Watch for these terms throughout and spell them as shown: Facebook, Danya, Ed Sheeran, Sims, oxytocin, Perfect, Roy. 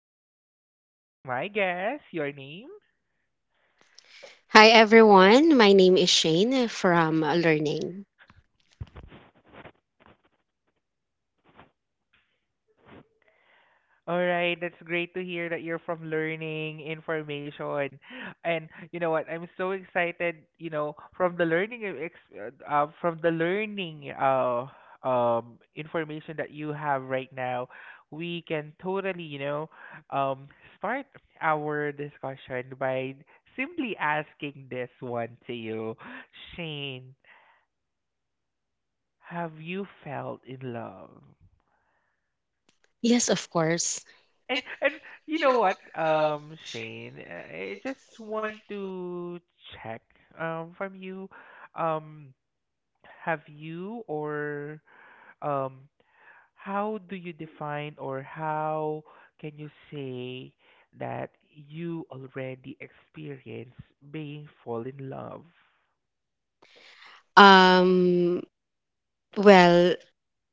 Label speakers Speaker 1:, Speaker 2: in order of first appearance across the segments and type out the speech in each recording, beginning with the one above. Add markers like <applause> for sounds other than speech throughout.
Speaker 1: Roy, and to my guest, your name?
Speaker 2: Hi everyone, my name is Shane from Learning.
Speaker 1: All right, that's great to hear that you're from learning information, and you know what? I'm so excited. You know, from the learning, e- ex- from the learning, information that you have right now, we can totally, um, start our discussion by simply asking this one to you, Shane. Have you felt in love?
Speaker 2: Yes, of course.
Speaker 1: And you know what, Shane, I just want to check from you, um, have you or um, how do you define, or how can you say that you already experience being fall in love?
Speaker 2: Um, well,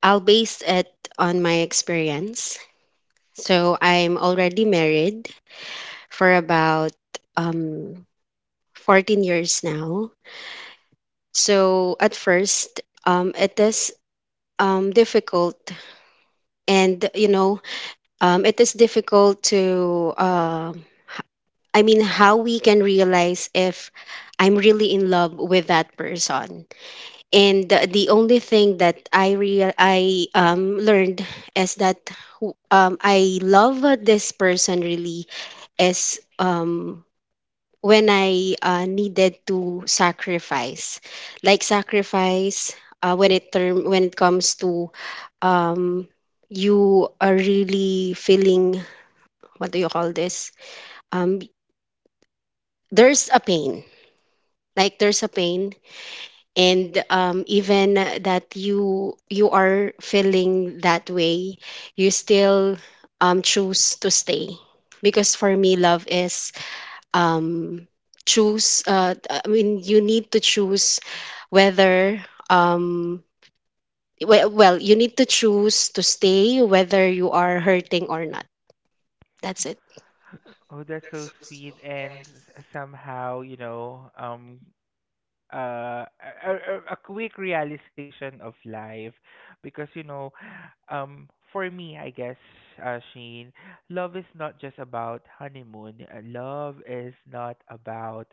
Speaker 2: I'll base it on my experience. So I'm already married for about um, 14 years now. So at first, it is difficult, and it is difficult to. I mean, how we can realize if I'm really in love with that person, and the only thing that I learned is that I love this person really is when I needed to sacrifice, like sacrifice when it term when it comes to um you are really feeling, what do you call this, um there's a pain, like there's a pain, and even that you are feeling that way, you still choose to stay, because for me love is, um, choose, I mean you need to choose whether, well, you need to choose to stay whether you are hurting or not. That's it.
Speaker 1: Oh, that's so sweet and somehow, a quick realization of life, because for me, I guess, sheen, love is not just about honeymoon. Love is not about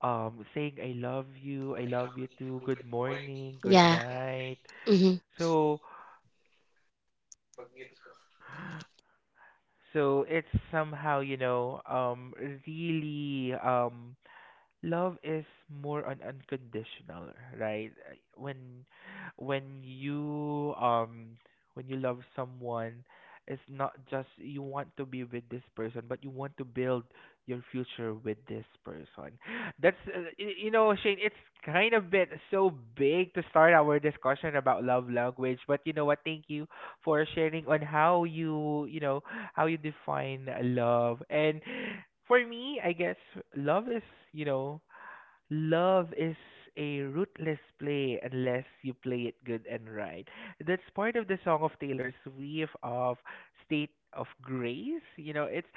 Speaker 1: saying, I love you, I love you too, good morning, good
Speaker 2: Yeah.
Speaker 1: night.
Speaker 2: Mm-hmm.
Speaker 1: So so, it's somehow, really, love is more on unconditional, right? When you um when you love someone, it's not just you want to be with this person, but you want to build your future with this person. That's you know, Shane, it's kind of bit so big to start our discussion about love language, but you know what? Thank you for sharing on how how you define love. And for me, I guess love is, you know, love is, a rootless play unless you play it good and right. That's part of the song of Taylor Swift, of State of Grace. It's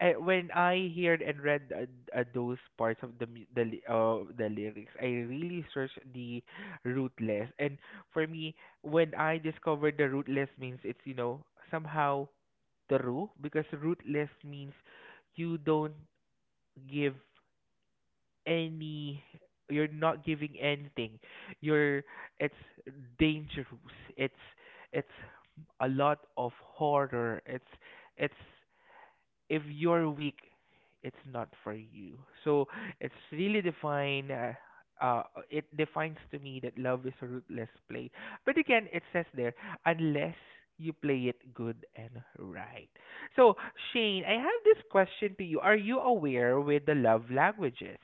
Speaker 1: when I heard and read those parts of the the lyrics, I really searched the rootless. And for me, when I discovered the rootless means, it's, somehow true, because rootless means you don't give any, you're not giving anything, you're, it's dangerous, it's it's a lot of horror, it's, if you're weak, it's not for you. So it's really define. Uh, it defines to me that love is a ruthless play. But again, it says there, unless you play it good and right. So Shane, I have this question to you. Are you aware with the love languages?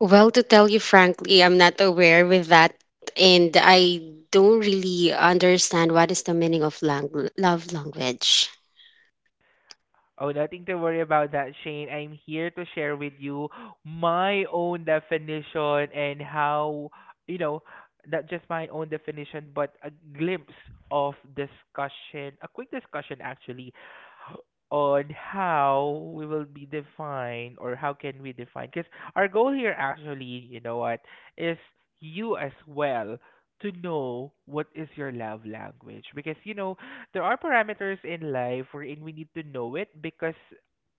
Speaker 2: Well, to tell you frankly, I'm not aware with that, and I don't really understand what is the meaning of love language.
Speaker 1: Oh, nothing to worry about that, Shane. I'm here to share with you my own definition, and how, you know, not just my own definition, but a glimpse of discussion, a quick discussion actually, on how we will be defined, or how can we define, because our goal here actually, you know what, is you as well to know what is your love language. Because there are parameters in life wherein we need to know it, because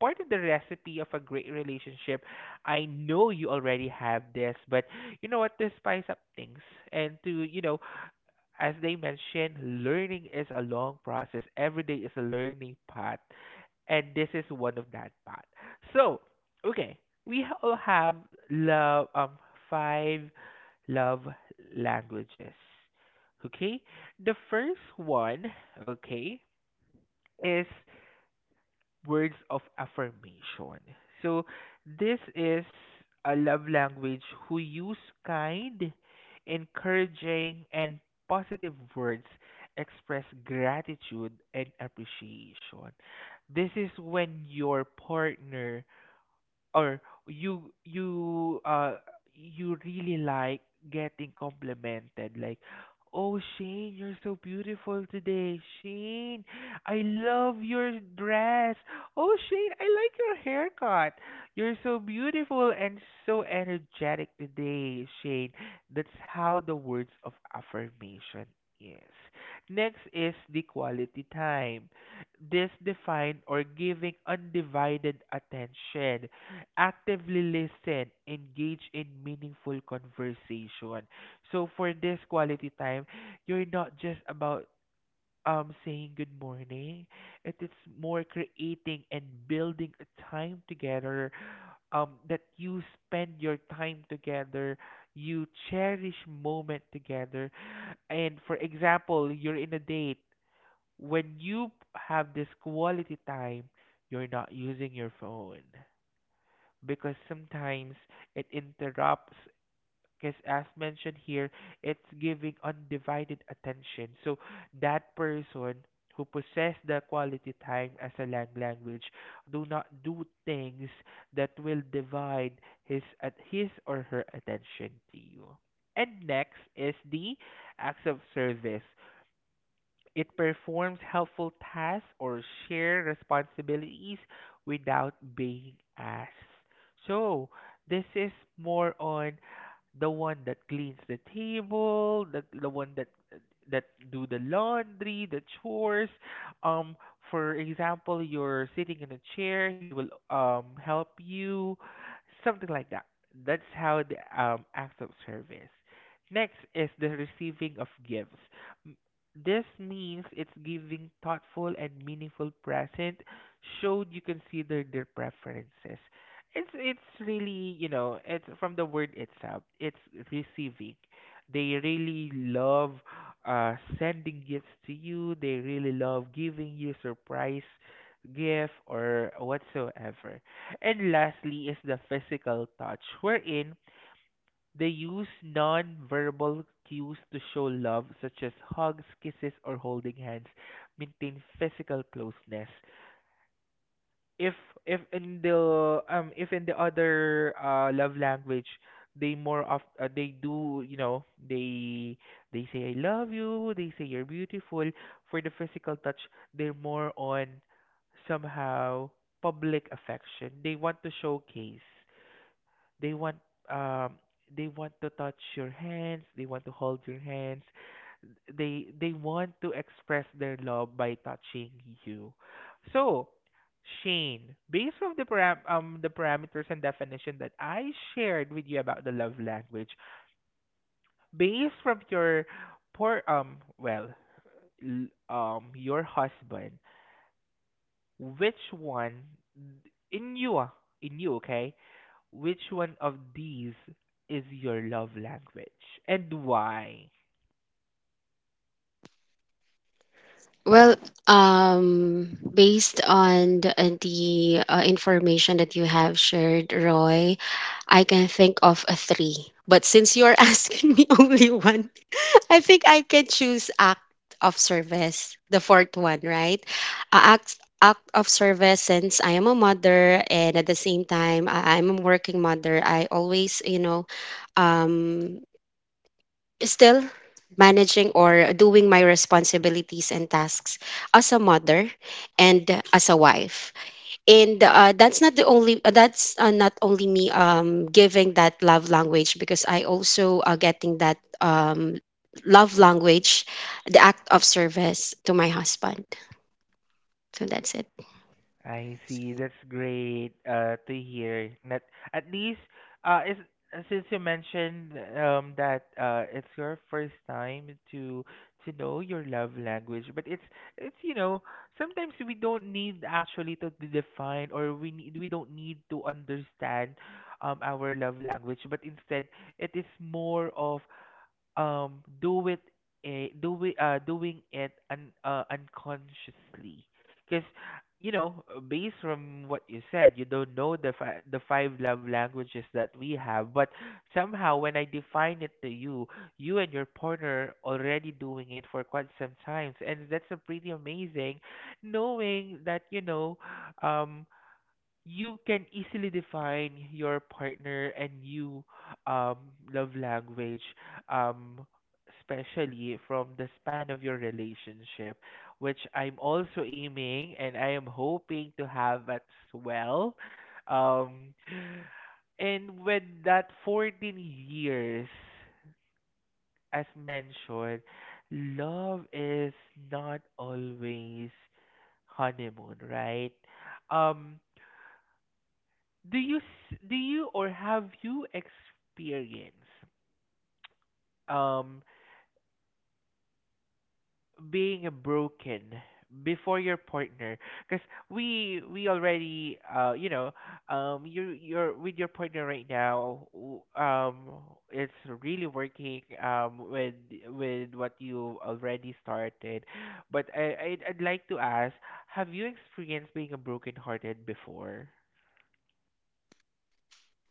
Speaker 1: part of the recipe of a great relationship, I know you already have this, but you know what, to spice up things, and to, as they mentioned, learning is a long process, every day is a learning path, and this is one of that part. So, okay, all have love five love languages. Okay? The first one, okay, is words of affirmation. So this is a love language who use kind, encouraging, and positive words, express gratitude and appreciation. This is when your partner, or you you uh you really like getting complimented, like, oh Shane, you're so beautiful today, Shane, I love your dress, oh Shane, I like your haircut, you're so beautiful and so energetic today, Shane. That's how the words of affirmation is. Next is the quality time. This define, or giving undivided attention, actively listen, engage in meaningful conversation. So for this quality time, you're not just about saying good morning. It is more creating and building a time together, that you spend your time together, you cherish moment together. And for example, you're in a date. When you have this quality time, you're not using your phone, because sometimes it interrupts, because as mentioned here, it's giving undivided attention, so that person who possess the quality time as a language do not do things that will divide his or her attention to you. And next is the acts of service. It performs helpful tasks or shared responsibilities without being asked. So, this is more on the one that cleans the table, the one that do the laundry, the chores. Um, for example, you're sitting in a chair, he will help you, something like that. That's how the acts of service. Next is the receiving of gifts. This means it's giving thoughtful and meaningful present, showed you consider their preferences. It's really, it's from the word itself. It's receiving. They really love sending gifts to you. They really love giving you surprise gift or whatsoever. And lastly is the physical touch, wherein they use non-verbal cues to show love, such as hugs, kisses, or holding hands. Maintain physical closeness. If if in the other love language, they more of they do they say I love you. They say you're beautiful. For the physical touch, they're more on somehow public affection. They want to showcase. They want um they want to touch your hands, they want to hold your hands, they want to express their love by touching you. So Shane, based on the parameters and definition that I shared with you about the love language, based from your poor um well l- your husband, which one in you, ah, in you, okay? Which one of these is your love language, and why?
Speaker 2: Well, based on the information that you have shared, Roy, I can think of a three. But since you're <laughs> asking me only one, I think I can choose act of service, the fourth one, right? Act of service, since I am a mother and at the same time I'm a working mother. I always, you know, um, still managing or doing my responsibilities and tasks as a mother and as a wife. And that's not the only that's not only me giving that love language, because I also getting that love language, the act of service, to my husband. So that's it.
Speaker 1: I see. That's great to hear. That at least is, since you mentioned, that, it's your first time to know your love language, but it's, you know, sometimes we don't need actually to define, or we don't need to understand, our love language, but instead it is more of do it a do it, doing it un, unconsciously. Because based from what you said, you don't know the five love languages that we have, but somehow when I define it to you, you and your partner already doing it for quite some times, and that's a pretty amazing, knowing that, um you can easily define your partner and you um love language, um especially from the span of your relationship, which I'm also aiming, and I am hoping to have as well. um and with that 14 years, as mentioned, love is not always honeymoon, right? um do you, or have you experienced, um being broken before your partner? Because we already, you're with your partner right now, it's really working, with what you already started. But I'd like to ask, have you experienced being broken hearted before?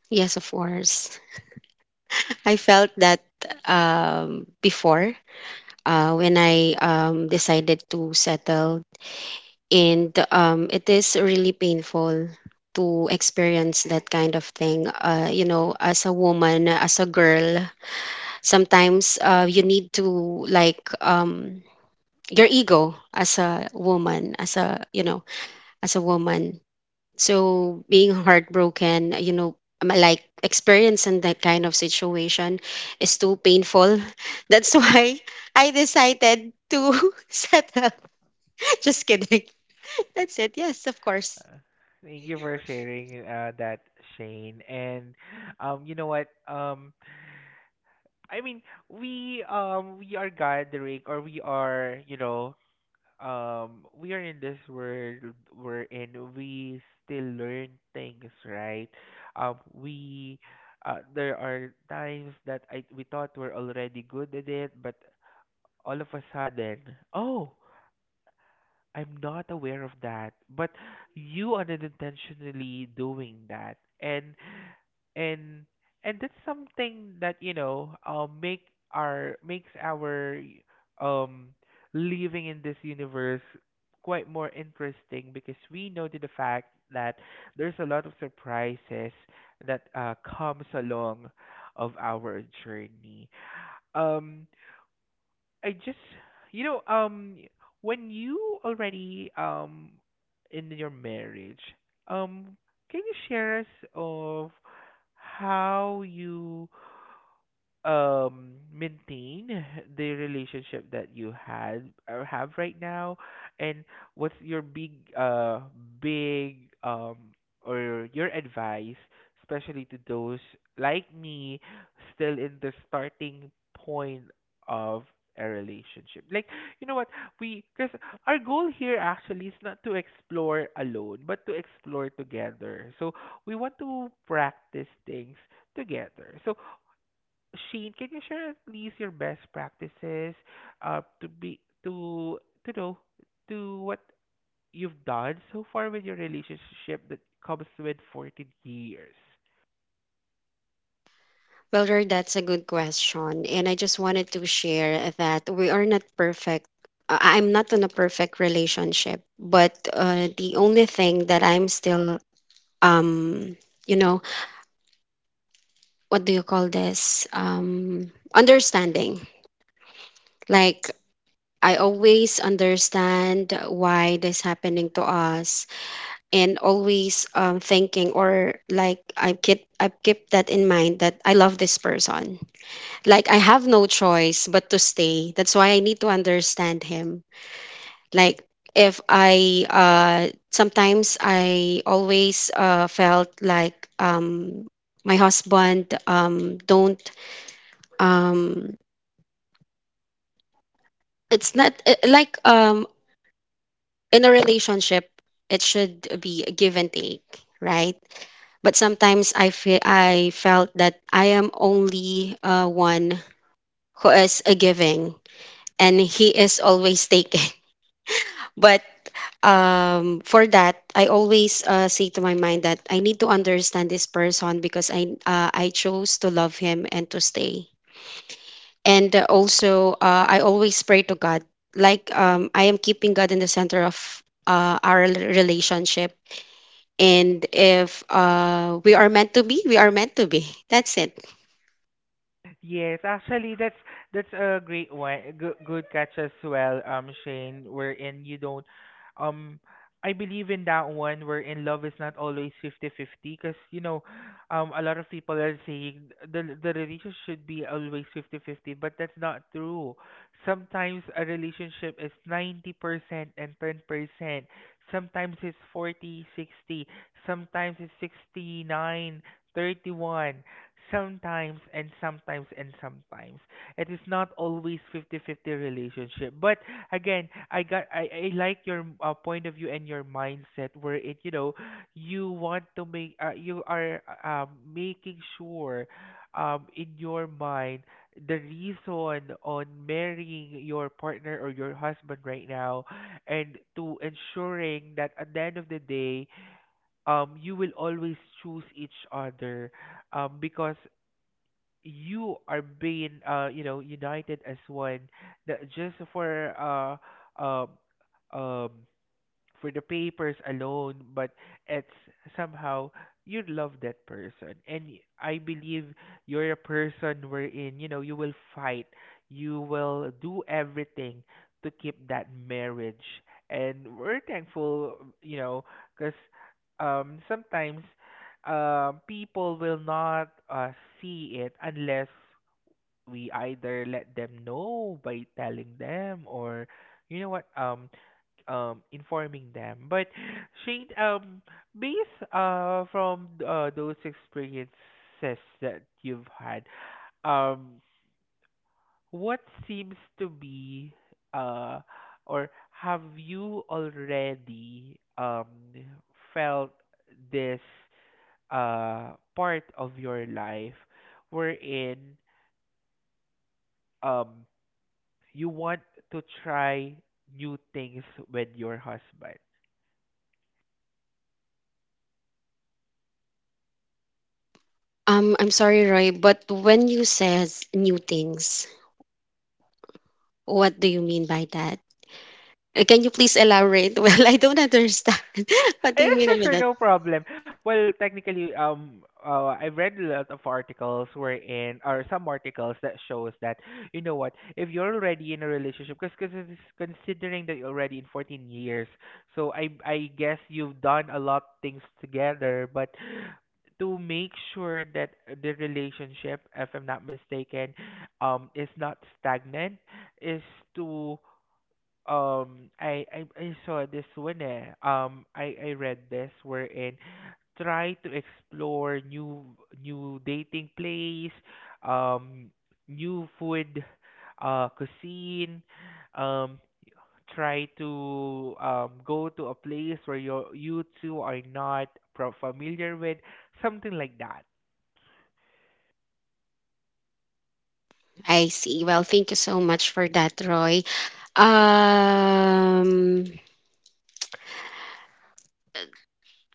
Speaker 2: Yes, of course. <laughs> I felt that before, when I decided to settle. And it is really painful to experience that kind of thing. You know, as a woman, as a girl, sometimes you need to, like um, your ego as a woman, as a you know, as a woman. So being heartbroken, you know, like experiencing that kind of situation is too painful. <laughs> That's why I decided to <laughs> settle. <laughs> Just kidding. <laughs> That's it. Yes, of course.
Speaker 1: Uh, Thank you for sharing that, Shane. And you know what? I mean, we, we are gathering, or we are in this world wherein we still learn things, right? We there are times that I we thought we're already good at it, but all of a sudden, oh, I'm not aware of that, but you are unintentionally doing that, and, and and that's something that, makes our um living in this universe quite more interesting, because we know to the fact that there's a lot of surprises that comes along of our journey. Um, I just, you know, um, when you already, in your marriage, um, can you share us of how you maintain the relationship that you had or have right now, and what's your big uh big or your advice, especially to those like me still in the starting point of a relationship? Like, you know what, we because our goal here actually is not to explore alone, but to explore together. So we want to practice things together. So Shane, can you share at least your best practices, to be to to know to what you've done so far with your relationship that comes with 14 years?
Speaker 2: Well, Roy, that's a good question. And I just wanted to share that we are not perfect. I'm not in a perfect relationship, but the only thing that I'm still, um, you know, what do you call this? Understanding. Like, I always understand why this happening to us, and always thinking, or like I keep that in mind that I love this person, like I have no choice but to stay. That's why I need to understand him. Like, if I sometimes I always felt like my husband don't, um it's not in a relationship it should be a give and take, right? But sometimes I felt that I am only one who is a giving, and he is always <laughs> taking. But for that, I always say to my mind that I need to understand this person, because I chose to love him and to stay. And also, I always pray to God, like I am keeping God in the center of our relationship. And if we are meant to be, we are meant to be. <laughs> That's it.
Speaker 1: Yes, actually, that's a great one. Good, good catch as well, Shane. Wherein you don't, um, I believe in that one. Wherein love is not always 50-50, because a lot of people are saying the relationship should be always 50-50, but that's not true. Sometimes a relationship is 90% and 10%. Sometimes it's 40-60. Sometimes it's 69, 31. Sometimes it is not always 50-50 relationship. But again, I like your point of view and your mindset where it you know you want to make you are making sure in your mind the reason on marrying your partner or your husband right now, and to ensuring that at the end of the day you will always choose each other, because you are being united as one. That just um for the papers alone, but it's somehow you love that person. And I believe you're a person wherein, you will fight, you will do everything to keep that marriage. And we're thankful, you know, because sometimes people will not see it unless we either let them know by telling them or you know what informing them. But Shane, based from those experiences that you've had, um, what seems to be uh or have you already felt this part of your life wherein um you want to try new things with your husband?
Speaker 2: I'm sorry, Roy, but when you says new things, what do you mean by that? Can you please elaborate? <laughs> Well, I don't understand. <laughs> What do
Speaker 1: Yeah,
Speaker 2: you
Speaker 1: <laughs>
Speaker 2: mean
Speaker 1: sure,
Speaker 2: by
Speaker 1: sure,
Speaker 2: that?
Speaker 1: no problem. Well, technically, I've read a lot of articles wherein, or some articles that shows that, you know what, if you're already in a relationship, because considering that you're already in 14 years, so I guess you've done a lot things together, but to make sure that the relationship, if I'm not mistaken, is not stagnant, is to I saw this one eh. I read this wherein try to explore new dating place, um new food cuisine, um try to go to a place where you two are not pro familiar with, something like that.
Speaker 2: I see. Well, thank you so much for that, Roy. Um,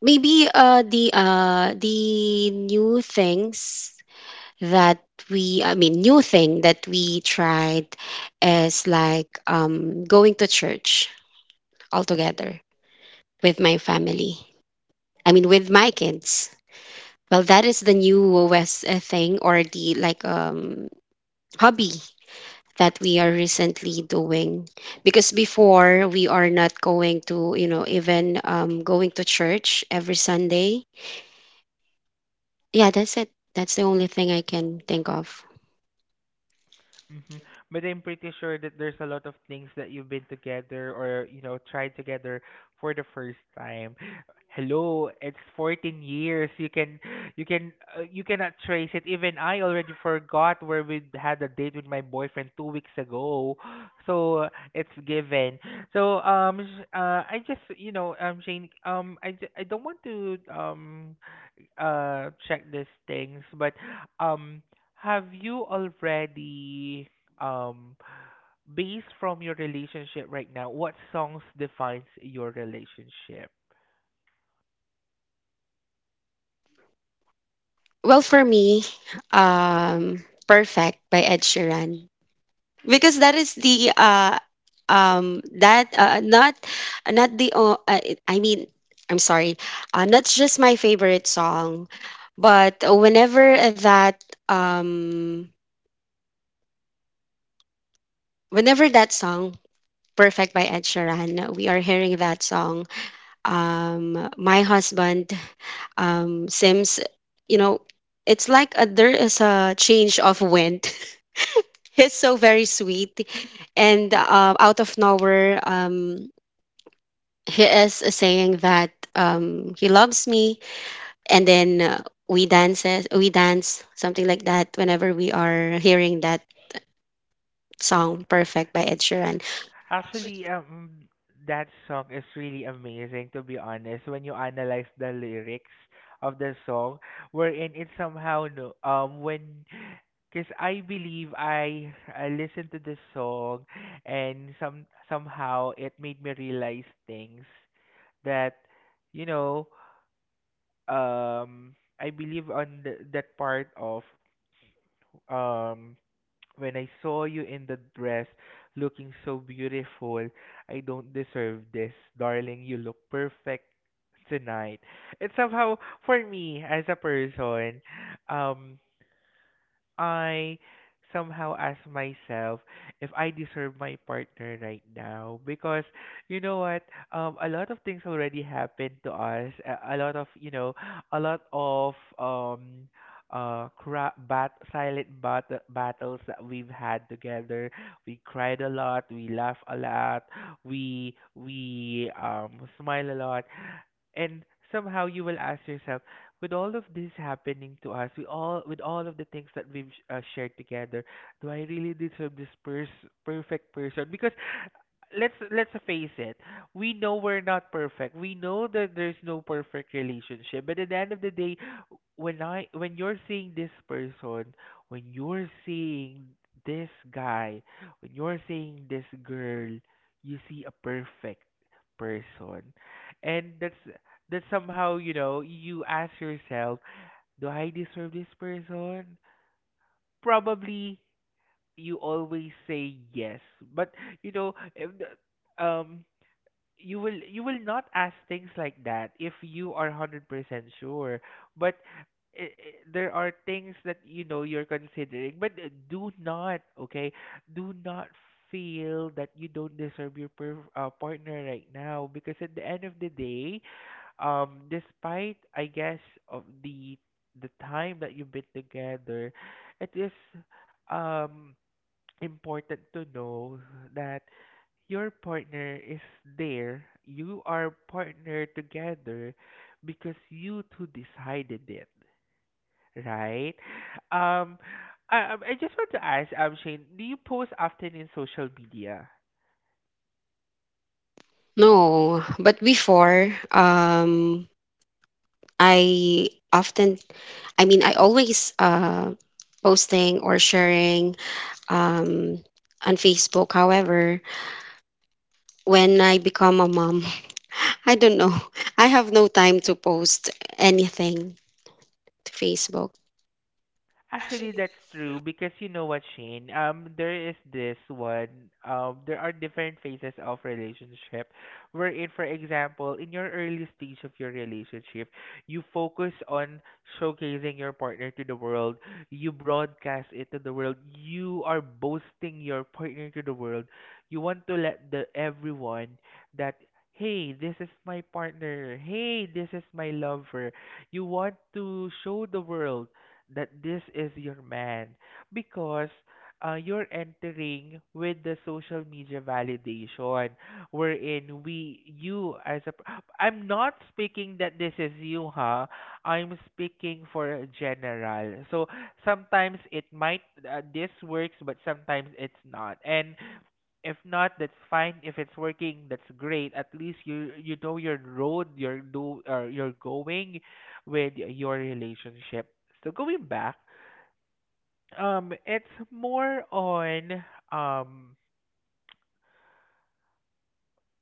Speaker 2: Maybe the new things that we I mean new thing that we tried is like going to church all together with my family. I mean with my kids. Well, that is the newest thing, or the like hobby that we are recently doing, because before we are not going to, you know, even going to church every Sunday. Yeah, that's it. That's the only thing I can think of.
Speaker 1: hmm But I'm pretty sure that there's a lot of things that you've been together or, you know, tried together for the first time. Hello, it's 14 years. You can, you cannot trace it. Even I already forgot where we had a date with my boyfriend 2 weeks ago. <gasps> So it's given. So I just, you know, Shane, I don't want to check these things, but um have you already um based from your relationship right now, what songs defines your relationship?
Speaker 2: Well, for me, um Perfect by Ed Sheeran, because that is the that not not the o- I mean I'm sorry not just my favorite song. But that um whenever that song, Perfect by Ed Sheeran, we are hearing that song, my husband, Sims, you know, it's like a, there is a change of wind. <laughs> He's so very sweet. And out of nowhere, he is saying that he loves me. And then we dance, something like that, whenever we are hearing that song, Perfect by Ed Sheeran.
Speaker 1: Actually, that song is really amazing, to be honest. When you analyze the lyrics of the song, wherein it somehow no when because I believe I listened to the song and somehow it made me realize things that, you know um I believe on that part of, um when I saw you in the dress looking so beautiful, I don't deserve this, darling, you look perfect tonight. It's somehow for me as a person, um I somehow ask myself if I deserve my partner right now, because you know what, a lot of things already happened to us. A lot of, you know, a lot of silent battles that we've had together. We cried a lot, we laughed a lot, we smile a lot. And somehow you will ask yourself, with all of this happening to us, we all with all of the things that we've shared together, do I really deserve this perfect person? Because let's face it. We know we're not perfect. We know that there's no perfect relationship. But at the end of the day, when you're seeing this person, when you're seeing this guy, when you're seeing this girl, you see a perfect person. And that's somehow, you know, you ask yourself, do I deserve this person? Probably you always say yes. But you know, if the, you will not ask things like that if you are 100% sure. But i i- there are things that, you know, you're considering, but do not, okay, do not feel that you don't deserve your partner right now, because at the end of the day, despite, I guess, of the time that you've been together, it is um important to know that your partner is there. You are partnered together because you two decided it, right? Um, I just want to ask, Shane, do you post often in social media?
Speaker 2: No, but before, I often, I mean, I always posting or sharing um, on Facebook. However, when I become a mom, <laughs> I don't know. I have no time to post anything to Facebook.
Speaker 1: Actually, that's true because you know what, Shane? There is this one. There are different phases of relationship, wherein, for example, in your early stage of your relationship, you focus on showcasing your partner to the world. You broadcast it to the world. You are boasting your partner to the world. You want to let the everyone that. Hey, this is my partner. Hey, this is my lover. You want to show the world that this is your man because you're entering with the social media validation wherein we you as a I'm not speaking that this is you, huh, I'm speaking for a general. So sometimes it might this works, but sometimes it's not. And if not, that's fine. If it's working, that's great. At least you know your road you're do or you're going with your relationship. So going back, it's more on um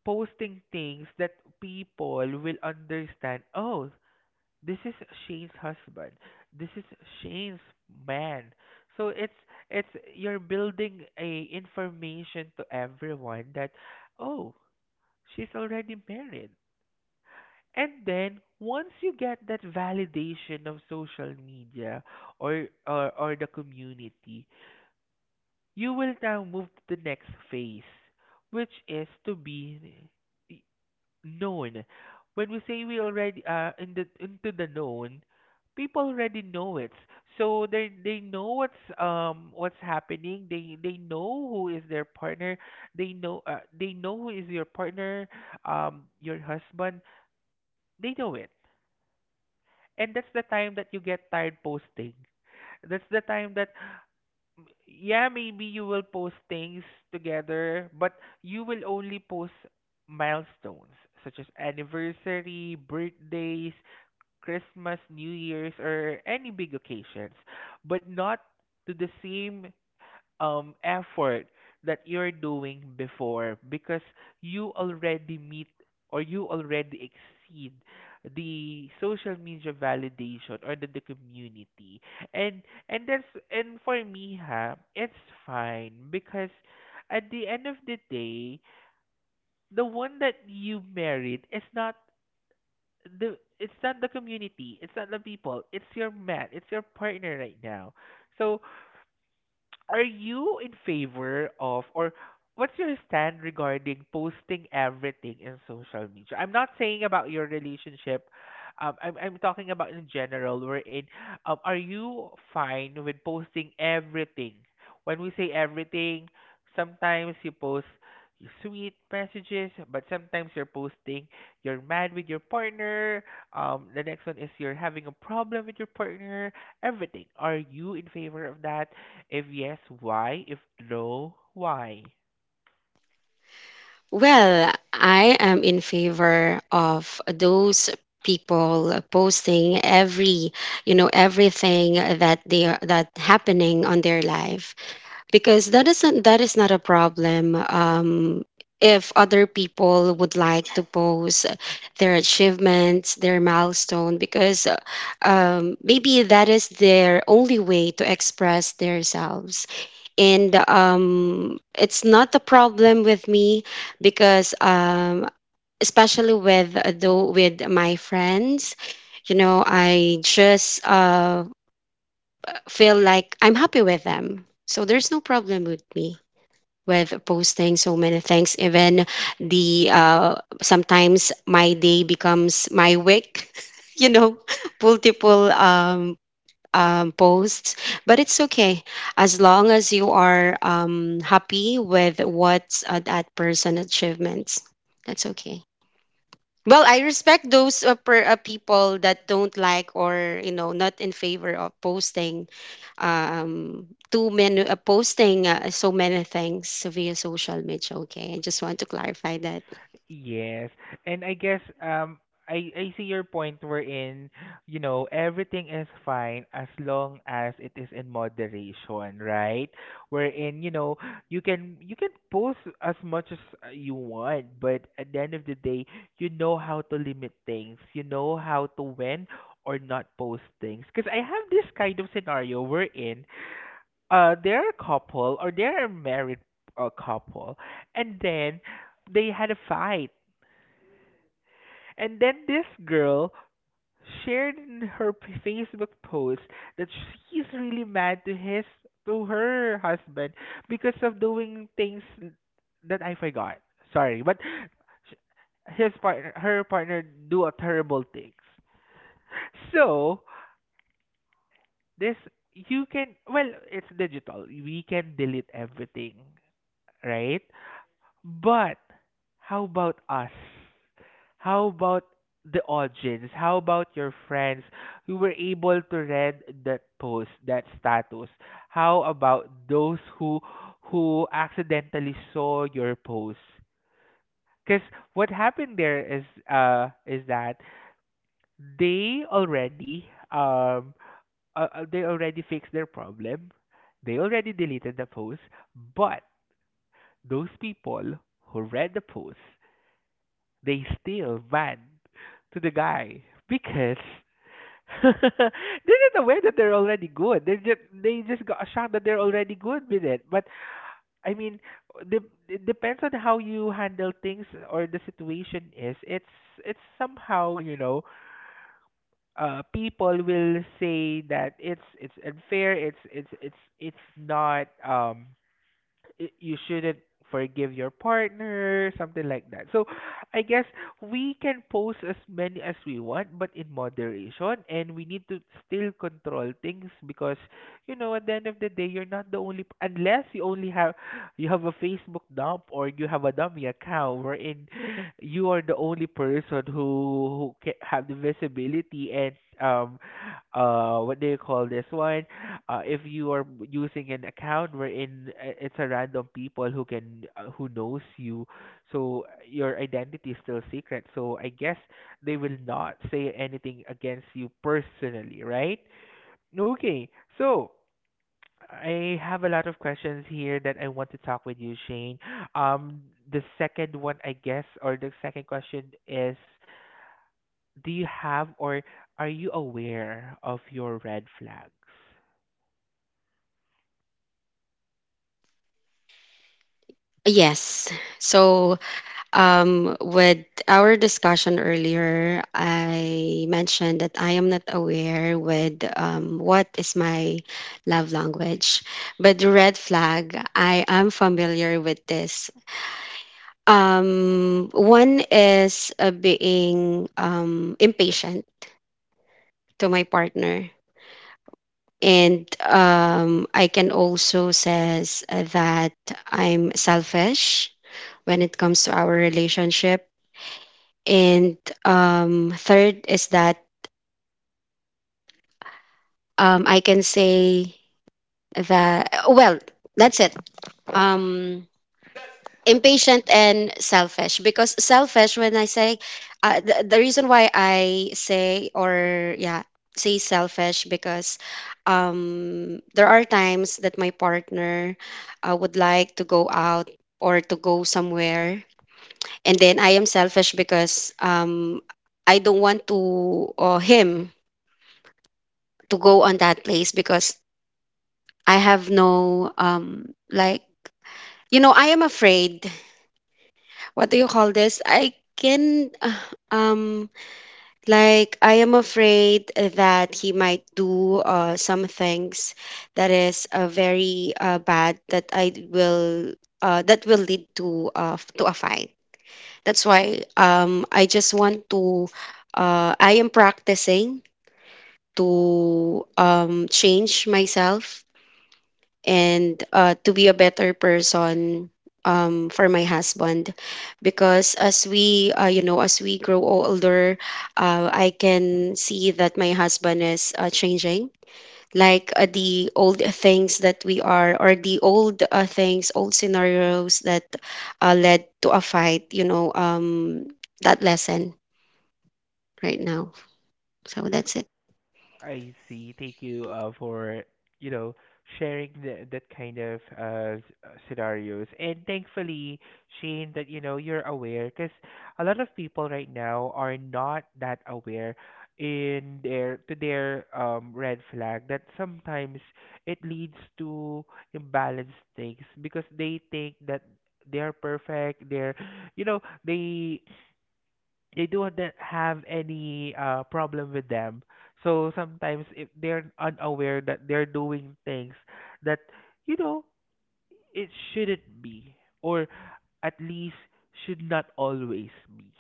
Speaker 1: posting things that people will understand. Oh, this is Shane's husband. This is Shane's man. So it's you're building a information to everyone that, oh, she's already married. And then once you get that validation of social media, or the community, you will now move to the next phase, which is to be i- known. When we say we already are in the into the known, people already know it. So they know what's happening. They know who is their partner. They know who is your partner, your husband. They know it. And that's the time that you get tired posting. That's the time that, yeah, maybe you will post things together, but you will only post milestones such as anniversary, birthdays, Christmas, New Year's, or any big occasions, but not to the same effort that you're doing before, because you already meet or you already exceed the social media validation or the community, and and that's and for me ha it's fine because at the end of the day, the one that you married is not the it's not the community, it's not the people, it's your man, it's your partner right now. So are you in favor of, or what's your stand regarding posting everything in social media? I'm not saying about your relationship. I'm talking about in general. We're in. Are you fine with posting everything? When we say everything, sometimes you post your sweet messages, but sometimes you're posting you're mad with your partner. The next one is you're having a problem with your partner, everything. Are you in favor of that? If yes, why? If no, why?
Speaker 2: Well, I am in favor of those people posting you know, everything that they that happening on their life, because that is not a problem. If other people would like to post their achievements, their milestone, because maybe that is their only way to express themselves. And it's not a problem with me, because especially with though with my friends, you know, I just feel like I'm happy with them, so there's no problem with me with posting so many things. Even the sometimes my day becomes my week. <laughs> You know, <laughs> multiple posts, but it's okay, as long as you are happy with what that person achievements. That's okay. Well, I respect those people that don't like, or you know, not in favor of posting too many posting so many things via social media. Okay, I just want to clarify that.
Speaker 1: Yes, and I guess I see your point wherein you know everything is fine as long as it is in moderation, right? Wherein you know you can post as much as you want, but at the end of the day, you know how to limit things. You know how to when or not post things. Because I have this kind of scenario wherein they're a couple or they're a married couple, and then they had a fight, and then this girl shared in her Facebook post that she's really mad to his to her husband because of doing things that I forgot, sorry, but sh- his partner her partner do a terrible things. So this you can, well, it's digital, we can delete everything, right? But how about us? How about the audience? How about your friends who were able to read that post, that status? How about those who accidentally saw your post? Because what happened there is that they already um they already fixed their problem. They already deleted the post, but those people who read the post, they still vent to the guy because <laughs> this is a way that they're already good. They just got a shock that they're already good with it. But I mean, de- it depends on how you handle things or the situation is. It's somehow you know, people will say that it's unfair. It's not you shouldn't forgive your partner, something like that. I guess we can post as many as we want, but in moderation, and we need to still control things because, you know, at the end of the day, you're not the only unless you have a Facebook dump or you have a dummy account wherein you are the only person who can have the visibility and what do you call this one? If you are using an account wherein it's a random people who can who knows you, so your identity is still secret. So I guess they will not say anything against you personally, right? Okay, so I have a lot of questions here that I want to talk with you, Shane. Um, the second one, I guess, or the second question is, do you have or are you aware of your red flags?
Speaker 2: Yes. So, with our discussion earlier, I mentioned that I am not aware with what is my love language, but the red flag, I am familiar with this. One is being impatient to my partner. And I can also says that I'm selfish when it comes to our relationship. And third is that I can say that, well, that's it. Um, Impatient and selfish, because selfish when I say, the reason why I say, or yeah, say selfish, because there are times that my partner would like to go out or to go somewhere, and then I am selfish, because I don't want to, or him, to go on that place, because I have no you know, I am afraid, what do you call this? I can, <sighs> um, like, I am afraid that he might do some things that is very bad, that I will, that will lead to to a fight. That's why I just want to, I am practicing to change myself and to be a better person for my husband, because as we, you know, as we grow older, I can see that my husband is changing, like, the old things that we are, or the old things, old scenarios that led to a fight, you know, that lesson right now. So that's it.
Speaker 1: I see. Thank you for, you know, sharing that kind of scenarios. And thankfully, Shane, that, you know, you're aware because a lot of people right now are not that aware in their to their red flag that sometimes it leads to imbalanced things because they think that they're perfect, they're, you know, they they don't that have any problem with them. So sometimes if they're unaware that they're doing things that, you know, it shouldn't be, or at least should not always be.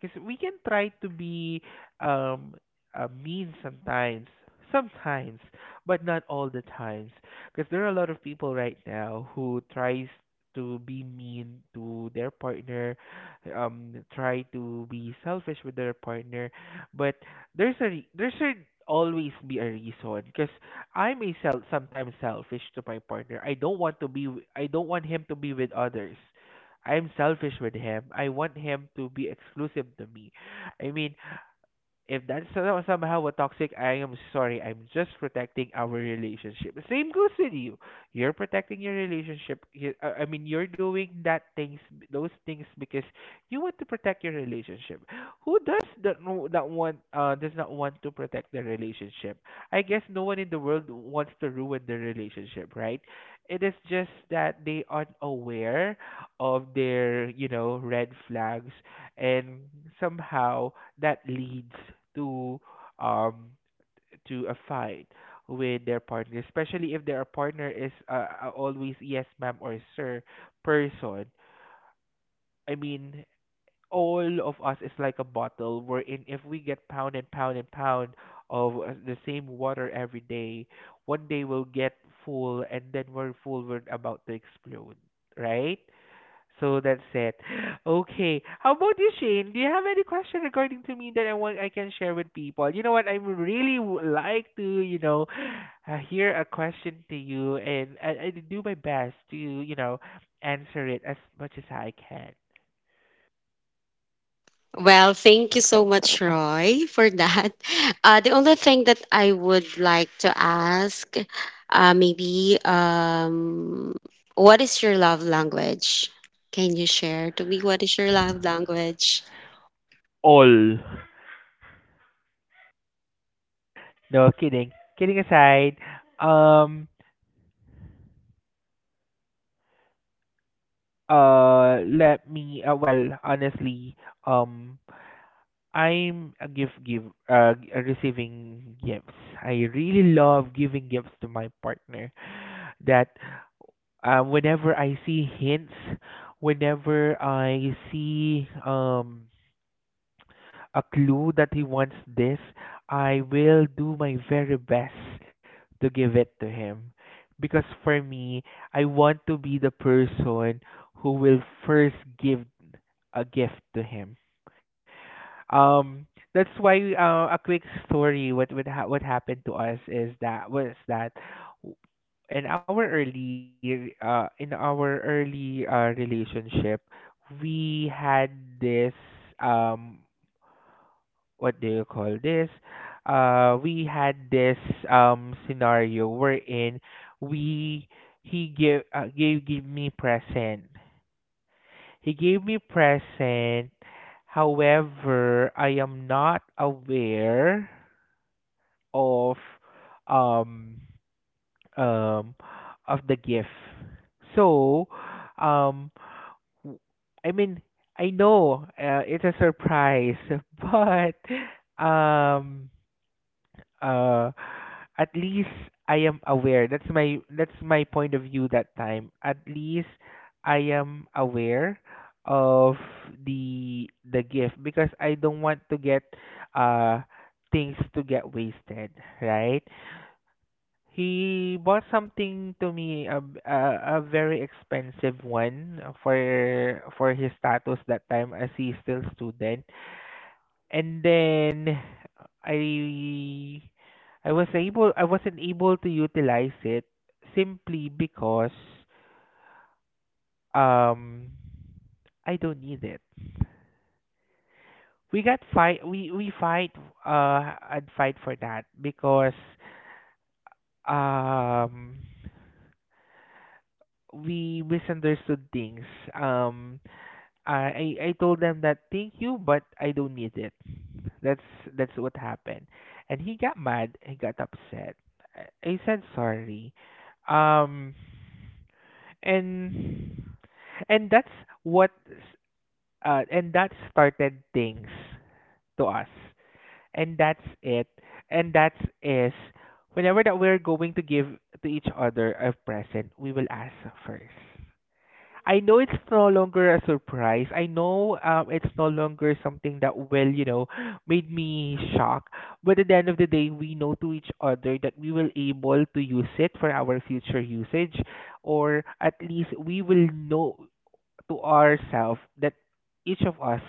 Speaker 1: Because we can try to be um, mean sometimes, sometimes, but not all the times. Because there are a lot of people right now who tries to be mean to their partner, try to be selfish with their partner, but there should always be a reason. Because I myself sometimes selfish to my partner. I don't want to be I don't want him to be with others. I'm selfish with him. I want him to be exclusive to me. I mean, if that's somehow a toxic, I am sorry. I'm just protecting our relationship. Same goes with you. You're protecting your relationship. I mean, you're doing those things because you want to protect your relationship. Who does that? No- That want does not want to protect their relationship. I guess no one in the world wants to ruin their relationship, right? It is just that they aren't aware of their, you know, red flags and somehow that leads to um to a fight with their partner, especially if their partner is always yes ma'am or sir person. I mean, all of us is like a bottle wherein if we get pound and pound and pound of the same water every day, one day we'll get full and then we're full, we're about to explode, right? So that's it. Okay. How about you, Shane? Do you have any question regarding to me that I can share with people? You know what? I would really like to, you know, hear a question to you, and I do my best to, you know, answer it as much as I can.
Speaker 2: Well, thank you so much, Roy, for that. <laughs> The only thing that I would like to ask, uh, maybe, um, what is your love language? Can you share to me what is your love language?
Speaker 1: All. No kidding. Kidding aside, um, let me. Well, honestly, um. I'm a receiving gifts. I really love giving gifts to my partner. That Whenever I see hints, whenever I see a clue that he wants this, I will do my very best to give it to him. Because for me, I want to be the person who will first give a gift to him. Um, that's why a quick story. What happened to us is that w- in our early relationship, we had this um what do you call this? We had this scenario wherein we he give gave gave me present, he gave me present. However, I am not aware of um um of the gift. So, um w- I mean, I know it's a surprise, <laughs> but um uh at least I am aware. That's my point of view that time. At least I am aware of the gift because I don't want to get uh things to get wasted, right? He bought something to me a very expensive one for his status that time as he's still student, and then I I wasn't able to utilize it simply because um I don't need it. We got fight we fight and fight for that because um we misunderstood things. Um I told them that thank you but I don't need it. That's that's what happened. And he got mad, he got upset. I said sorry. Um and and what s- that started things to us. And that's it. And that's is whenever that we're going to give to each other a present, we will ask first. I know it's no longer a surprise. I know it's no longer something that will, you know, <gasps> made me shocked. But at the end of the day, we know to each other that we will able to use it for our future usage, or at least we will know to ourselves that each of us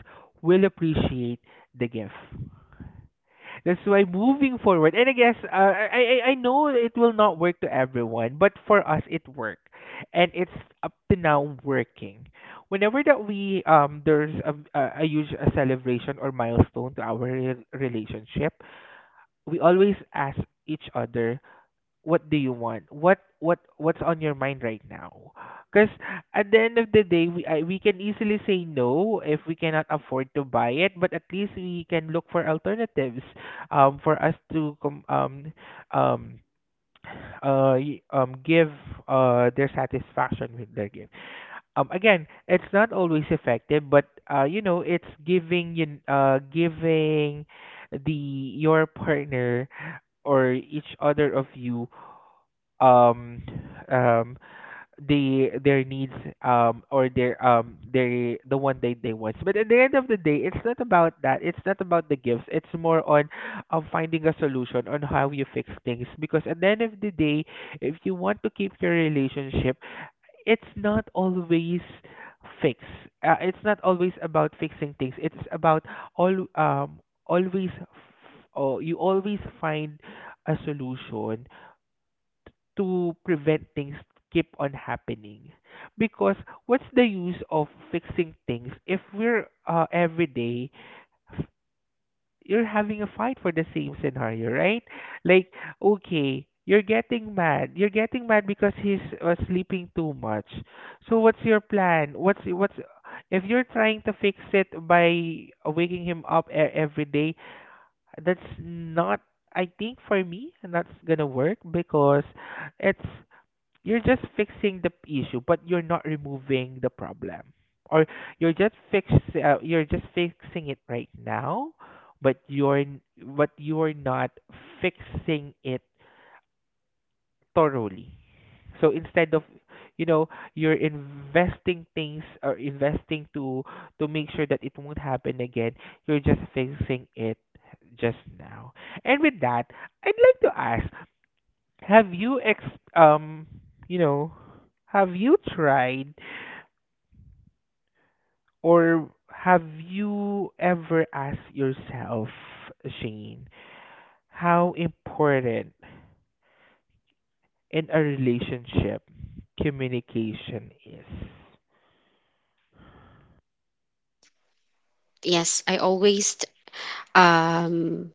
Speaker 1: will appreciate the gift. That's why moving forward, and I guess I know it will not work to everyone, but for us it worked, and it's up to now working. Whenever that we there's a huge a celebration or milestone to our relationship, we always ask each other what do you want, what's on your mind right now, because at the end of the day we can easily say no if we cannot afford to buy it, but at least we can look for alternatives for us to um give their satisfaction with their gift. Again, it's not always effective, but you know, it's giving you giving the your partner or each other of you um um the their needs, or their the one they want. But at the end of the day, it's not about that, it's not about the gifts, it's more on finding a solution on how you fix things, because at the end of the day, if you want to keep your relationship, it's not always fix it's not always about fixing things, it's about all always f- oh, you always find a solution to prevent things keep on happening, because what's the use of fixing things if we're every day, f- you're having a fight for the same scenario, right? Like, okay, you're getting mad because he's sleeping too much. So what's your plan? What's If you're trying to fix it by waking him up every day, that's not, I think for me, that's gonna work, because it's you're just fixing the issue, but you're not removing the problem, or you're just fix you're just fixing it right now, but you're n- but you're not fixing it thoroughly. So instead of, you know, you're investing things or investing to make sure that it won't happen again, you're just fixing it just now. And with that, I'd like to ask, have you ex um you know, have you tried or have you ever asked yourself, Shane, how important in a relationship communication is?
Speaker 2: Yes, I always, um,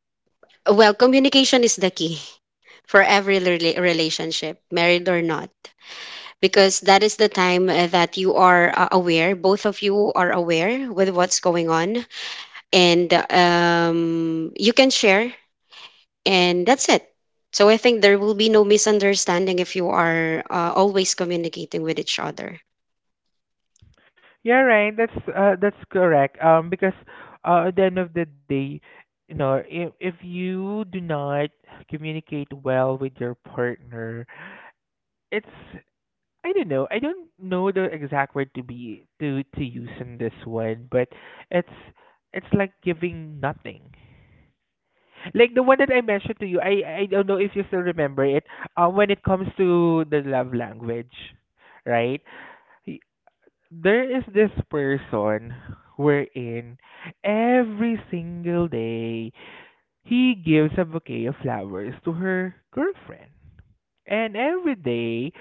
Speaker 2: communication is the key <laughs> for every relationship, married or not, because that is the time that you are aware, both of you are aware with what's going on. And you can share, and that's it. So I think there will be no misunderstanding if you are always communicating with each other.
Speaker 1: Yeah, right. That's correct. Because at the end of the day, you know, if you do not communicate well with your partner, it's I don't know. I don't know the exact word to be to use in this one, but it's it's like giving nothing. Like the one that I mentioned to you, I don't know if you still remember it. When it comes to the love language, right? Y- There is this person wherein every single day he gives a bouquet of flowers to her girlfriend. And every day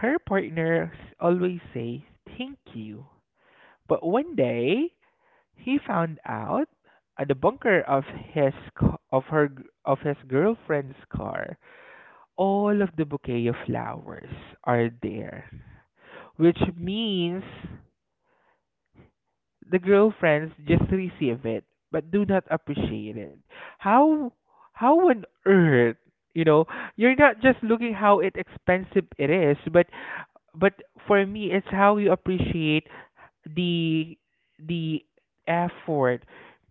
Speaker 1: her partner always says thank you. But one day, he found out at the bunker of his girlfriend's car, all of the bouquet of flowers are there, which means the girlfriends just receive it but do not appreciate it. How how on earth, you know, you're not just looking how it expensive it is, but for me it's how you appreciate the the effort,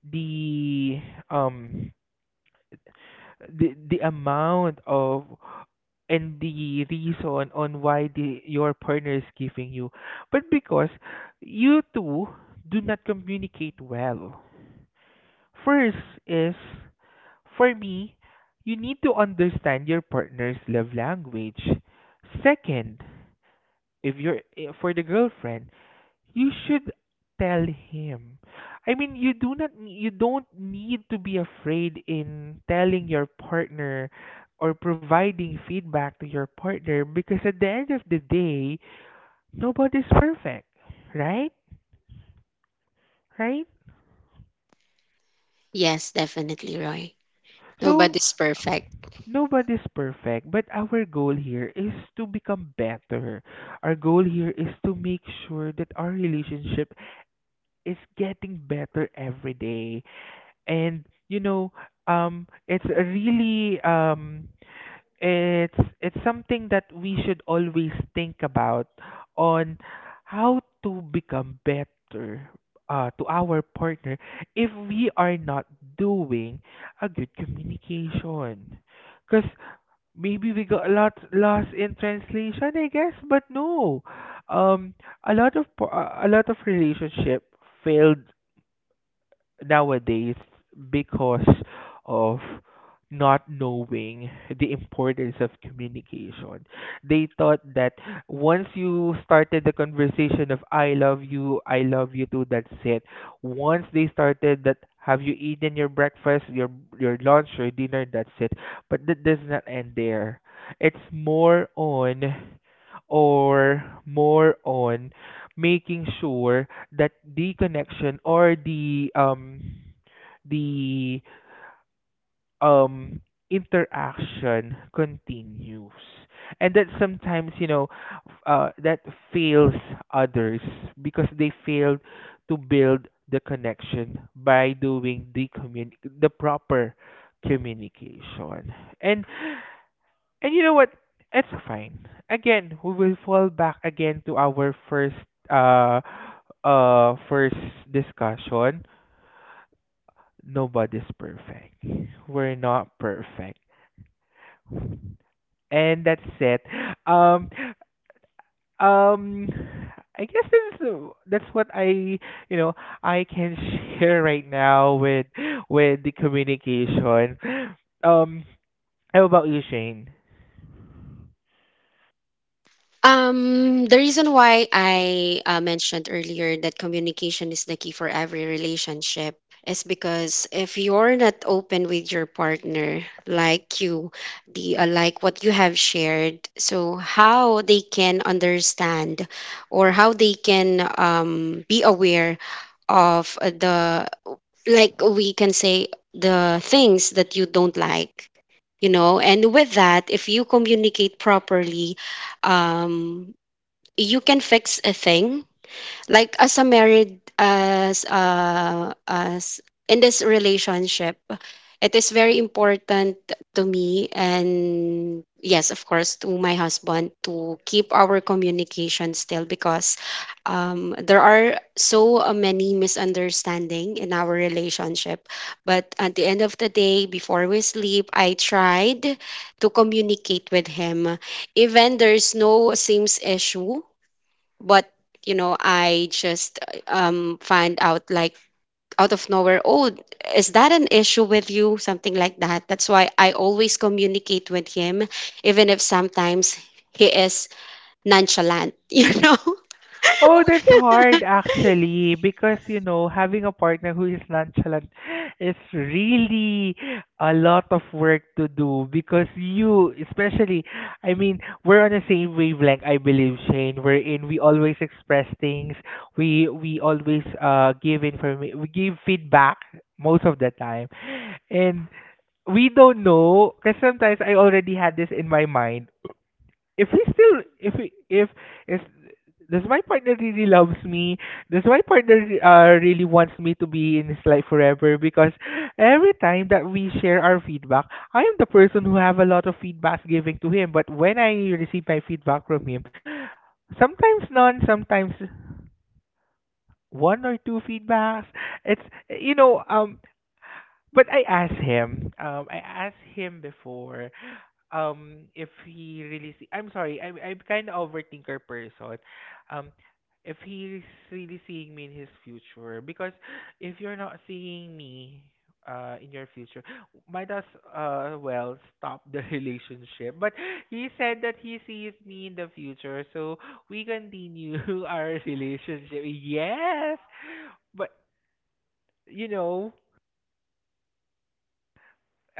Speaker 1: the um the amount of and the reason on why the your partner is giving you, but because you two do not communicate well. First is for me, you need to understand your partner's love language. Second, if you're for the girlfriend, you should tell him. I mean, you do not you don't need to be afraid in telling your partner or providing feedback to your partner, because at the end of the day, nobody's perfect, right? Right?
Speaker 2: Yes, definitely, Roy.
Speaker 1: So
Speaker 2: Nobody's perfect.
Speaker 1: nobody's perfect, but our goal here is to become better. Our goal here is to make sure that our relationship is getting better every day. And it's a really it's something that we should always think about on how to become better to our partner if we are not doing a good communication because maybe we got a lot lost in translation, I guess. But no um a lot of a lot of relationship failed nowadays because of not knowing the importance of communication. They thought that once you started the conversation of "I love you, I love you too," that's it. Once they started that "have you eaten your breakfast, your lunch or dinner," that's it. But that does not end there. It's more on or more on making sure that the connection or the the um interaction continues. And that sometimes, you know, that fails others because they failed to build the connection by doing the the proper communication. And and you know what it's fine. Again, we will fall back again to our first uh first discussion: nobody's perfect. We're not perfect. And that's it. Um um I guess that's what I, you know I can <laughs> share right now with the communication. Um, how about you, Shane?
Speaker 2: The reason why I mentioned earlier that communication is the key for every relationship is because if you're not open with your partner, like you, the like what you have shared, so how they can understand, or how they can be aware of the like we can say the things that you don't like, you know. And with that, if you communicate properly, um you can fix a thing, like as a married, as in this relationship. It is very important to me, and yes, of course, to my husband, to keep our communication still, because there are so many misunderstanding in our relationship, but at the end of the day, before we sleep, I tried to communicate with him, even there's no seems issue. But you know, I just find out, like, out of nowhere, oh, is that an issue with you, something like that. That's why I always communicate with him, even if sometimes he is nonchalant. <laughs> You know.
Speaker 1: Oh, that's hard actually, because, you know, having a partner who is nonchalant is really a lot of work to do. Because you, especially, I mean, we're on the same wavelength, I believe, Shane, wherein we always express things. We always give information, we give feedback most of the time. And we don't know, because sometimes I already had this in my mind, if he still if he, if is does my partner really loves me, does my partner really wants me to be in his life forever? Because every time that we share our feedback, I am the person who have a lot of feedbacks giving to him, but when I receive my feedback from him, sometimes none, sometimes one or two feedbacks. It's, you know, but I asked him, I asked him before, um, if he really see I'm sorry, I'm kinda overthinker person. Um, if he's really seeing me in his future. Because if you're not seeing me in your future, might as well stop the <laughs> relationship. But he said that he sees me in the future, so we continue <laughs> our relationship. Yes. But, you know,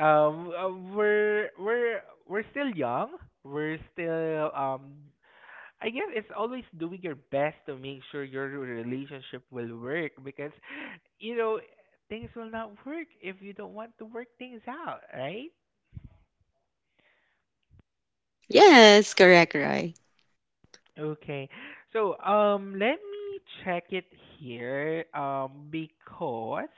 Speaker 1: um uh, we're we're we're still young, we're still um, I guess it's always doing your best to make sure your relationship will work. Because, you know, things will not work if you don't want to work things out, right?
Speaker 2: Yes, correct, Roy.
Speaker 1: Okay. So, let me check it here, because,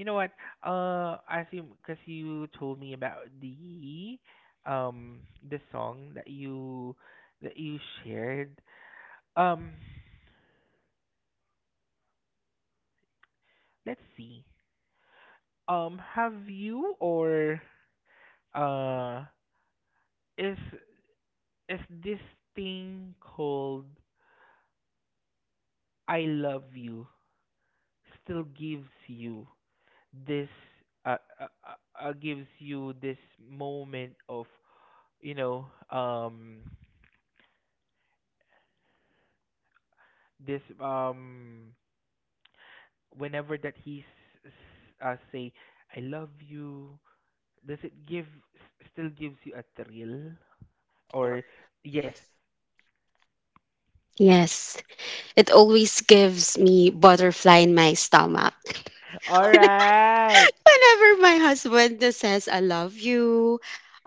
Speaker 1: you know what, as you, because you told me about um, the song that you shared, um, let's see. Have you or uh, is is this thing called "I love you" still this gives you this moment of, you know, this whenever that he say "I love you," does it give still gives you a thrill or? Yes.
Speaker 2: Yes, it always gives me butterfly in my stomach. <laughs>
Speaker 1: All right.
Speaker 2: Whenever my husband says I love you,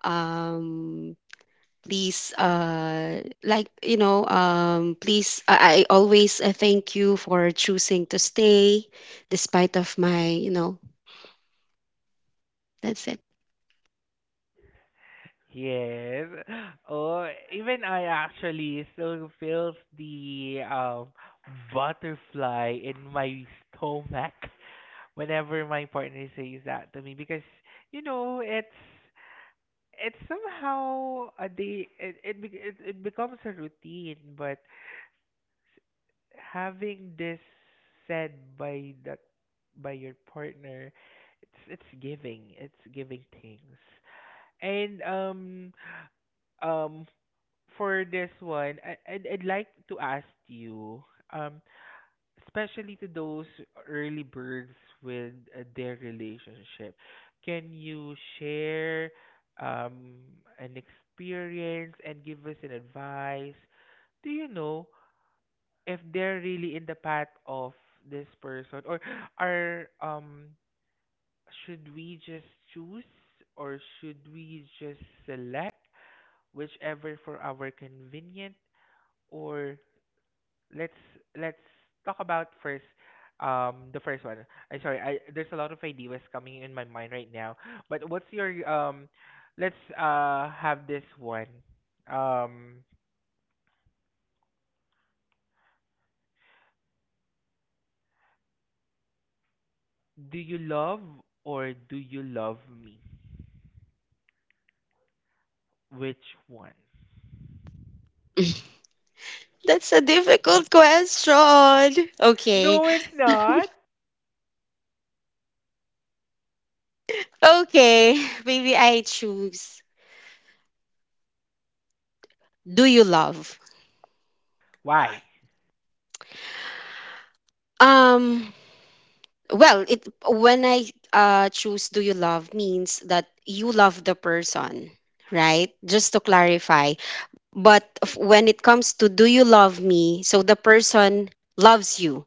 Speaker 2: um please like you know, please I always thank you for choosing to stay despite of my, you know, that's it.
Speaker 1: Yes. Oh, even I actually still feels the butterfly in my stomach whenever my partner says that to me. Because, you know, it's somehow a day, it becomes a routine. But having this said by that, by your partner, it's giving, it's giving things. And um for this one, I'd like to ask you, um, especially to those early birds with their relationship, can you share, um, an experience and give us an advice? Do you know if they're really in the path of this person, or are, should we just choose, or should we just select whichever for our convenient? Or let's let's talk about first the first one. I'm sorry, I there's a lot of ideas coming in my mind right now. But what's your um, let's have this one. Um, do you love, or do you love me? Which one?
Speaker 2: <laughs> That's a difficult question. Okay.
Speaker 1: No, it's not.
Speaker 2: Okay. <laughs> Maybe I choose do you love.
Speaker 1: Why?
Speaker 2: um well, it, when I choose do you love means that you love the person, right? Just to clarify. But when it comes to do you love me, so the person loves you,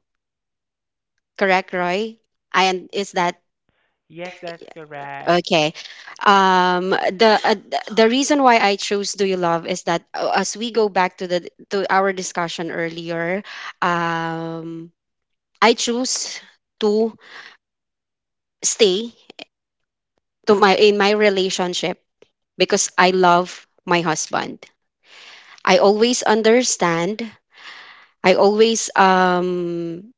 Speaker 2: correct, Roy? And is that
Speaker 1: Yes, that's correct.
Speaker 2: okay? Um, the uh, the reason why I chose do you love is that, as we go back to the to our discussion earlier, um, I choose to stay to my in my relationship because I love my husband. I always understand. I always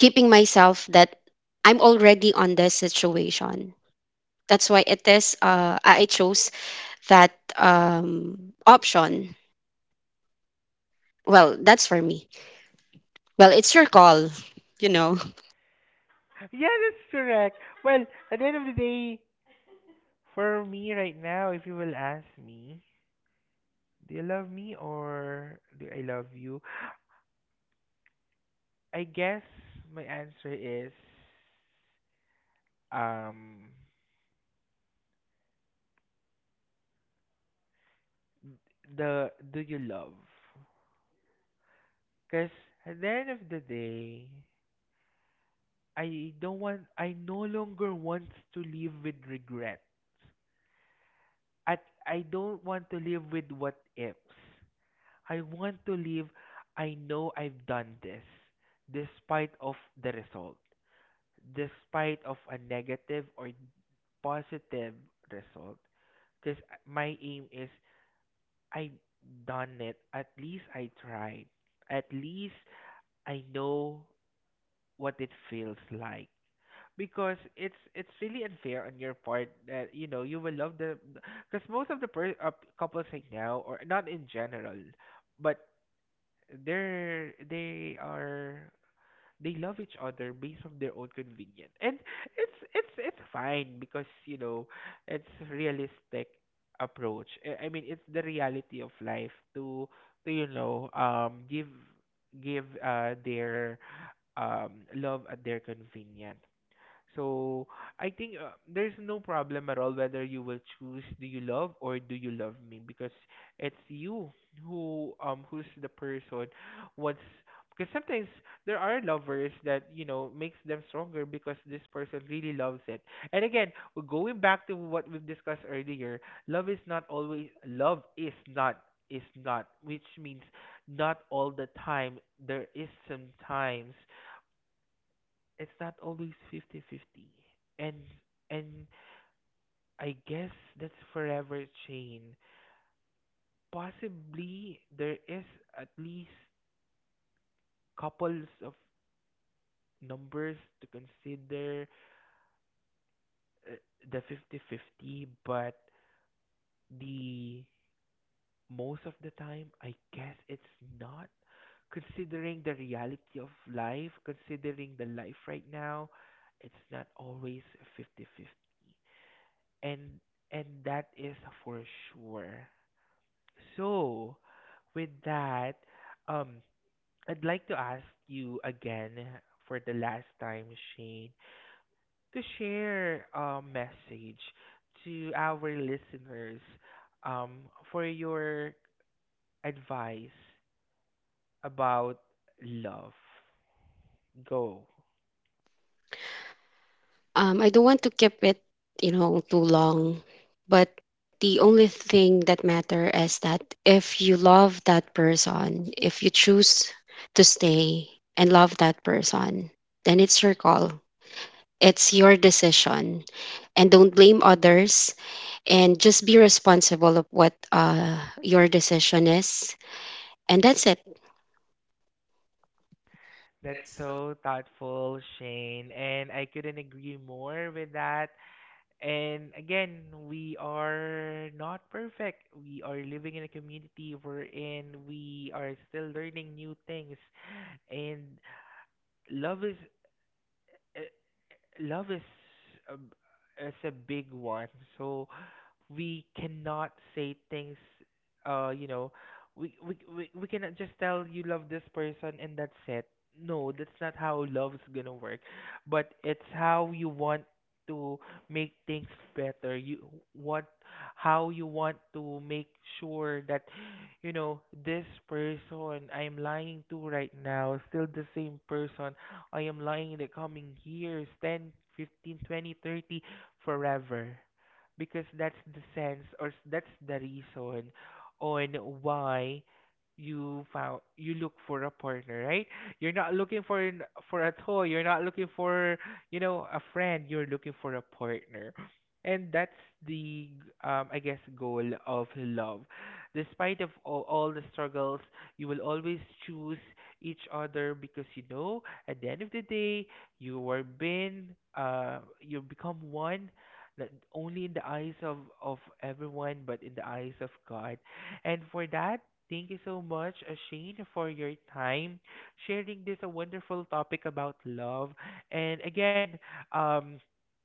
Speaker 2: keeping myself that I'm already on this situation. That's why it is, I chose that option. Well, that's for me. Well, it's your call, you know. <laughs>
Speaker 1: Yeah, that's correct. Well, at the end of the day, for me right now, if you will ask me, do you love me or do I love you? I guess my answer is um the "do you love?" Cause at the end of the day, I no longer want to live with regret. At I don't want to live with what ifs. I want to live I know I've done this despite of the result. Despite of a negative or positive result. Cause my aim is I've done it. At least I tried. At least I know what it feels like. Because it's really unfair on your part that, you know, you will love the, because most of the couples right now or not in general, but they're they are they love each other based on their own convenience. And it's it's fine, because, you know, it's realistic approach. I mean, it's the reality of life to, you know, um, give their love at their convenience. So I think, there's no problem at all whether you will choose "do you love" or "do you love me," because it's you who, um, who's the person, what's, because sometimes there are lovers that, you know, makes them stronger because this person really loves it. And again, going back to what we've discussed earlier, love is not always, love is not, is not, which means not all the time there is, sometimes it's not always 50-50. and and I guess that's forever chain. Possibly there is at least couples of numbers to consider, uh, the 50-50. But the most of the time, I guess it's not, considering the reality of life, considering the life right now, it's not always 50-50. and and that is for sure. So, with that, um, I'd like to ask you again for the last time, Shane, to share a message to our listeners, for your advice about love. Go.
Speaker 2: I don't want to keep it, you know, too long. But the only thing that matter is that if you love that person, if you choose to stay and love that person, then it's your call. It's your decision, and don't blame others, and just be responsible of what your decision is. And that's it.
Speaker 1: That's so thoughtful, Shane, and I couldn't agree more with that. And again, we are not perfect. We are living in a community wherein we are still learning new things. And love is, uh, love is a big one. So we cannot say things. You know, we cannot just tell you love this person and that's it. No, that's not how love's gonna work. But it's how you want to make things better. You what how you want to make sure that, you know, this person I'm lying to right now is still the same person I am lying in the coming years: 10, 15, 20, 30, forever. Because that's the sense, or that's the reason on why you found you look for a partner, right? You're not looking for for a toy, you're not looking for, you know, a friend, you're looking for a partner. And that's the, um, I guess, goal of love. Despite of all the struggles, you will always choose each other, because, you know, at the end of the day, you were been you become one, not only in the eyes of everyone, but in the eyes of God. And for that, thank you so much, Shane, for your time sharing this a wonderful topic about love. And again, um,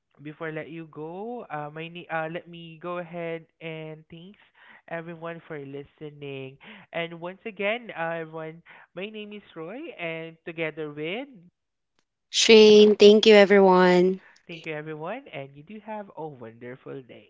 Speaker 1: before I let you go, let me go ahead and thanks everyone for listening. And once again, everyone, my name is Roy, and together with
Speaker 2: Shane, thank you, everyone.
Speaker 1: Thank you, everyone, and you do have a wonderful day.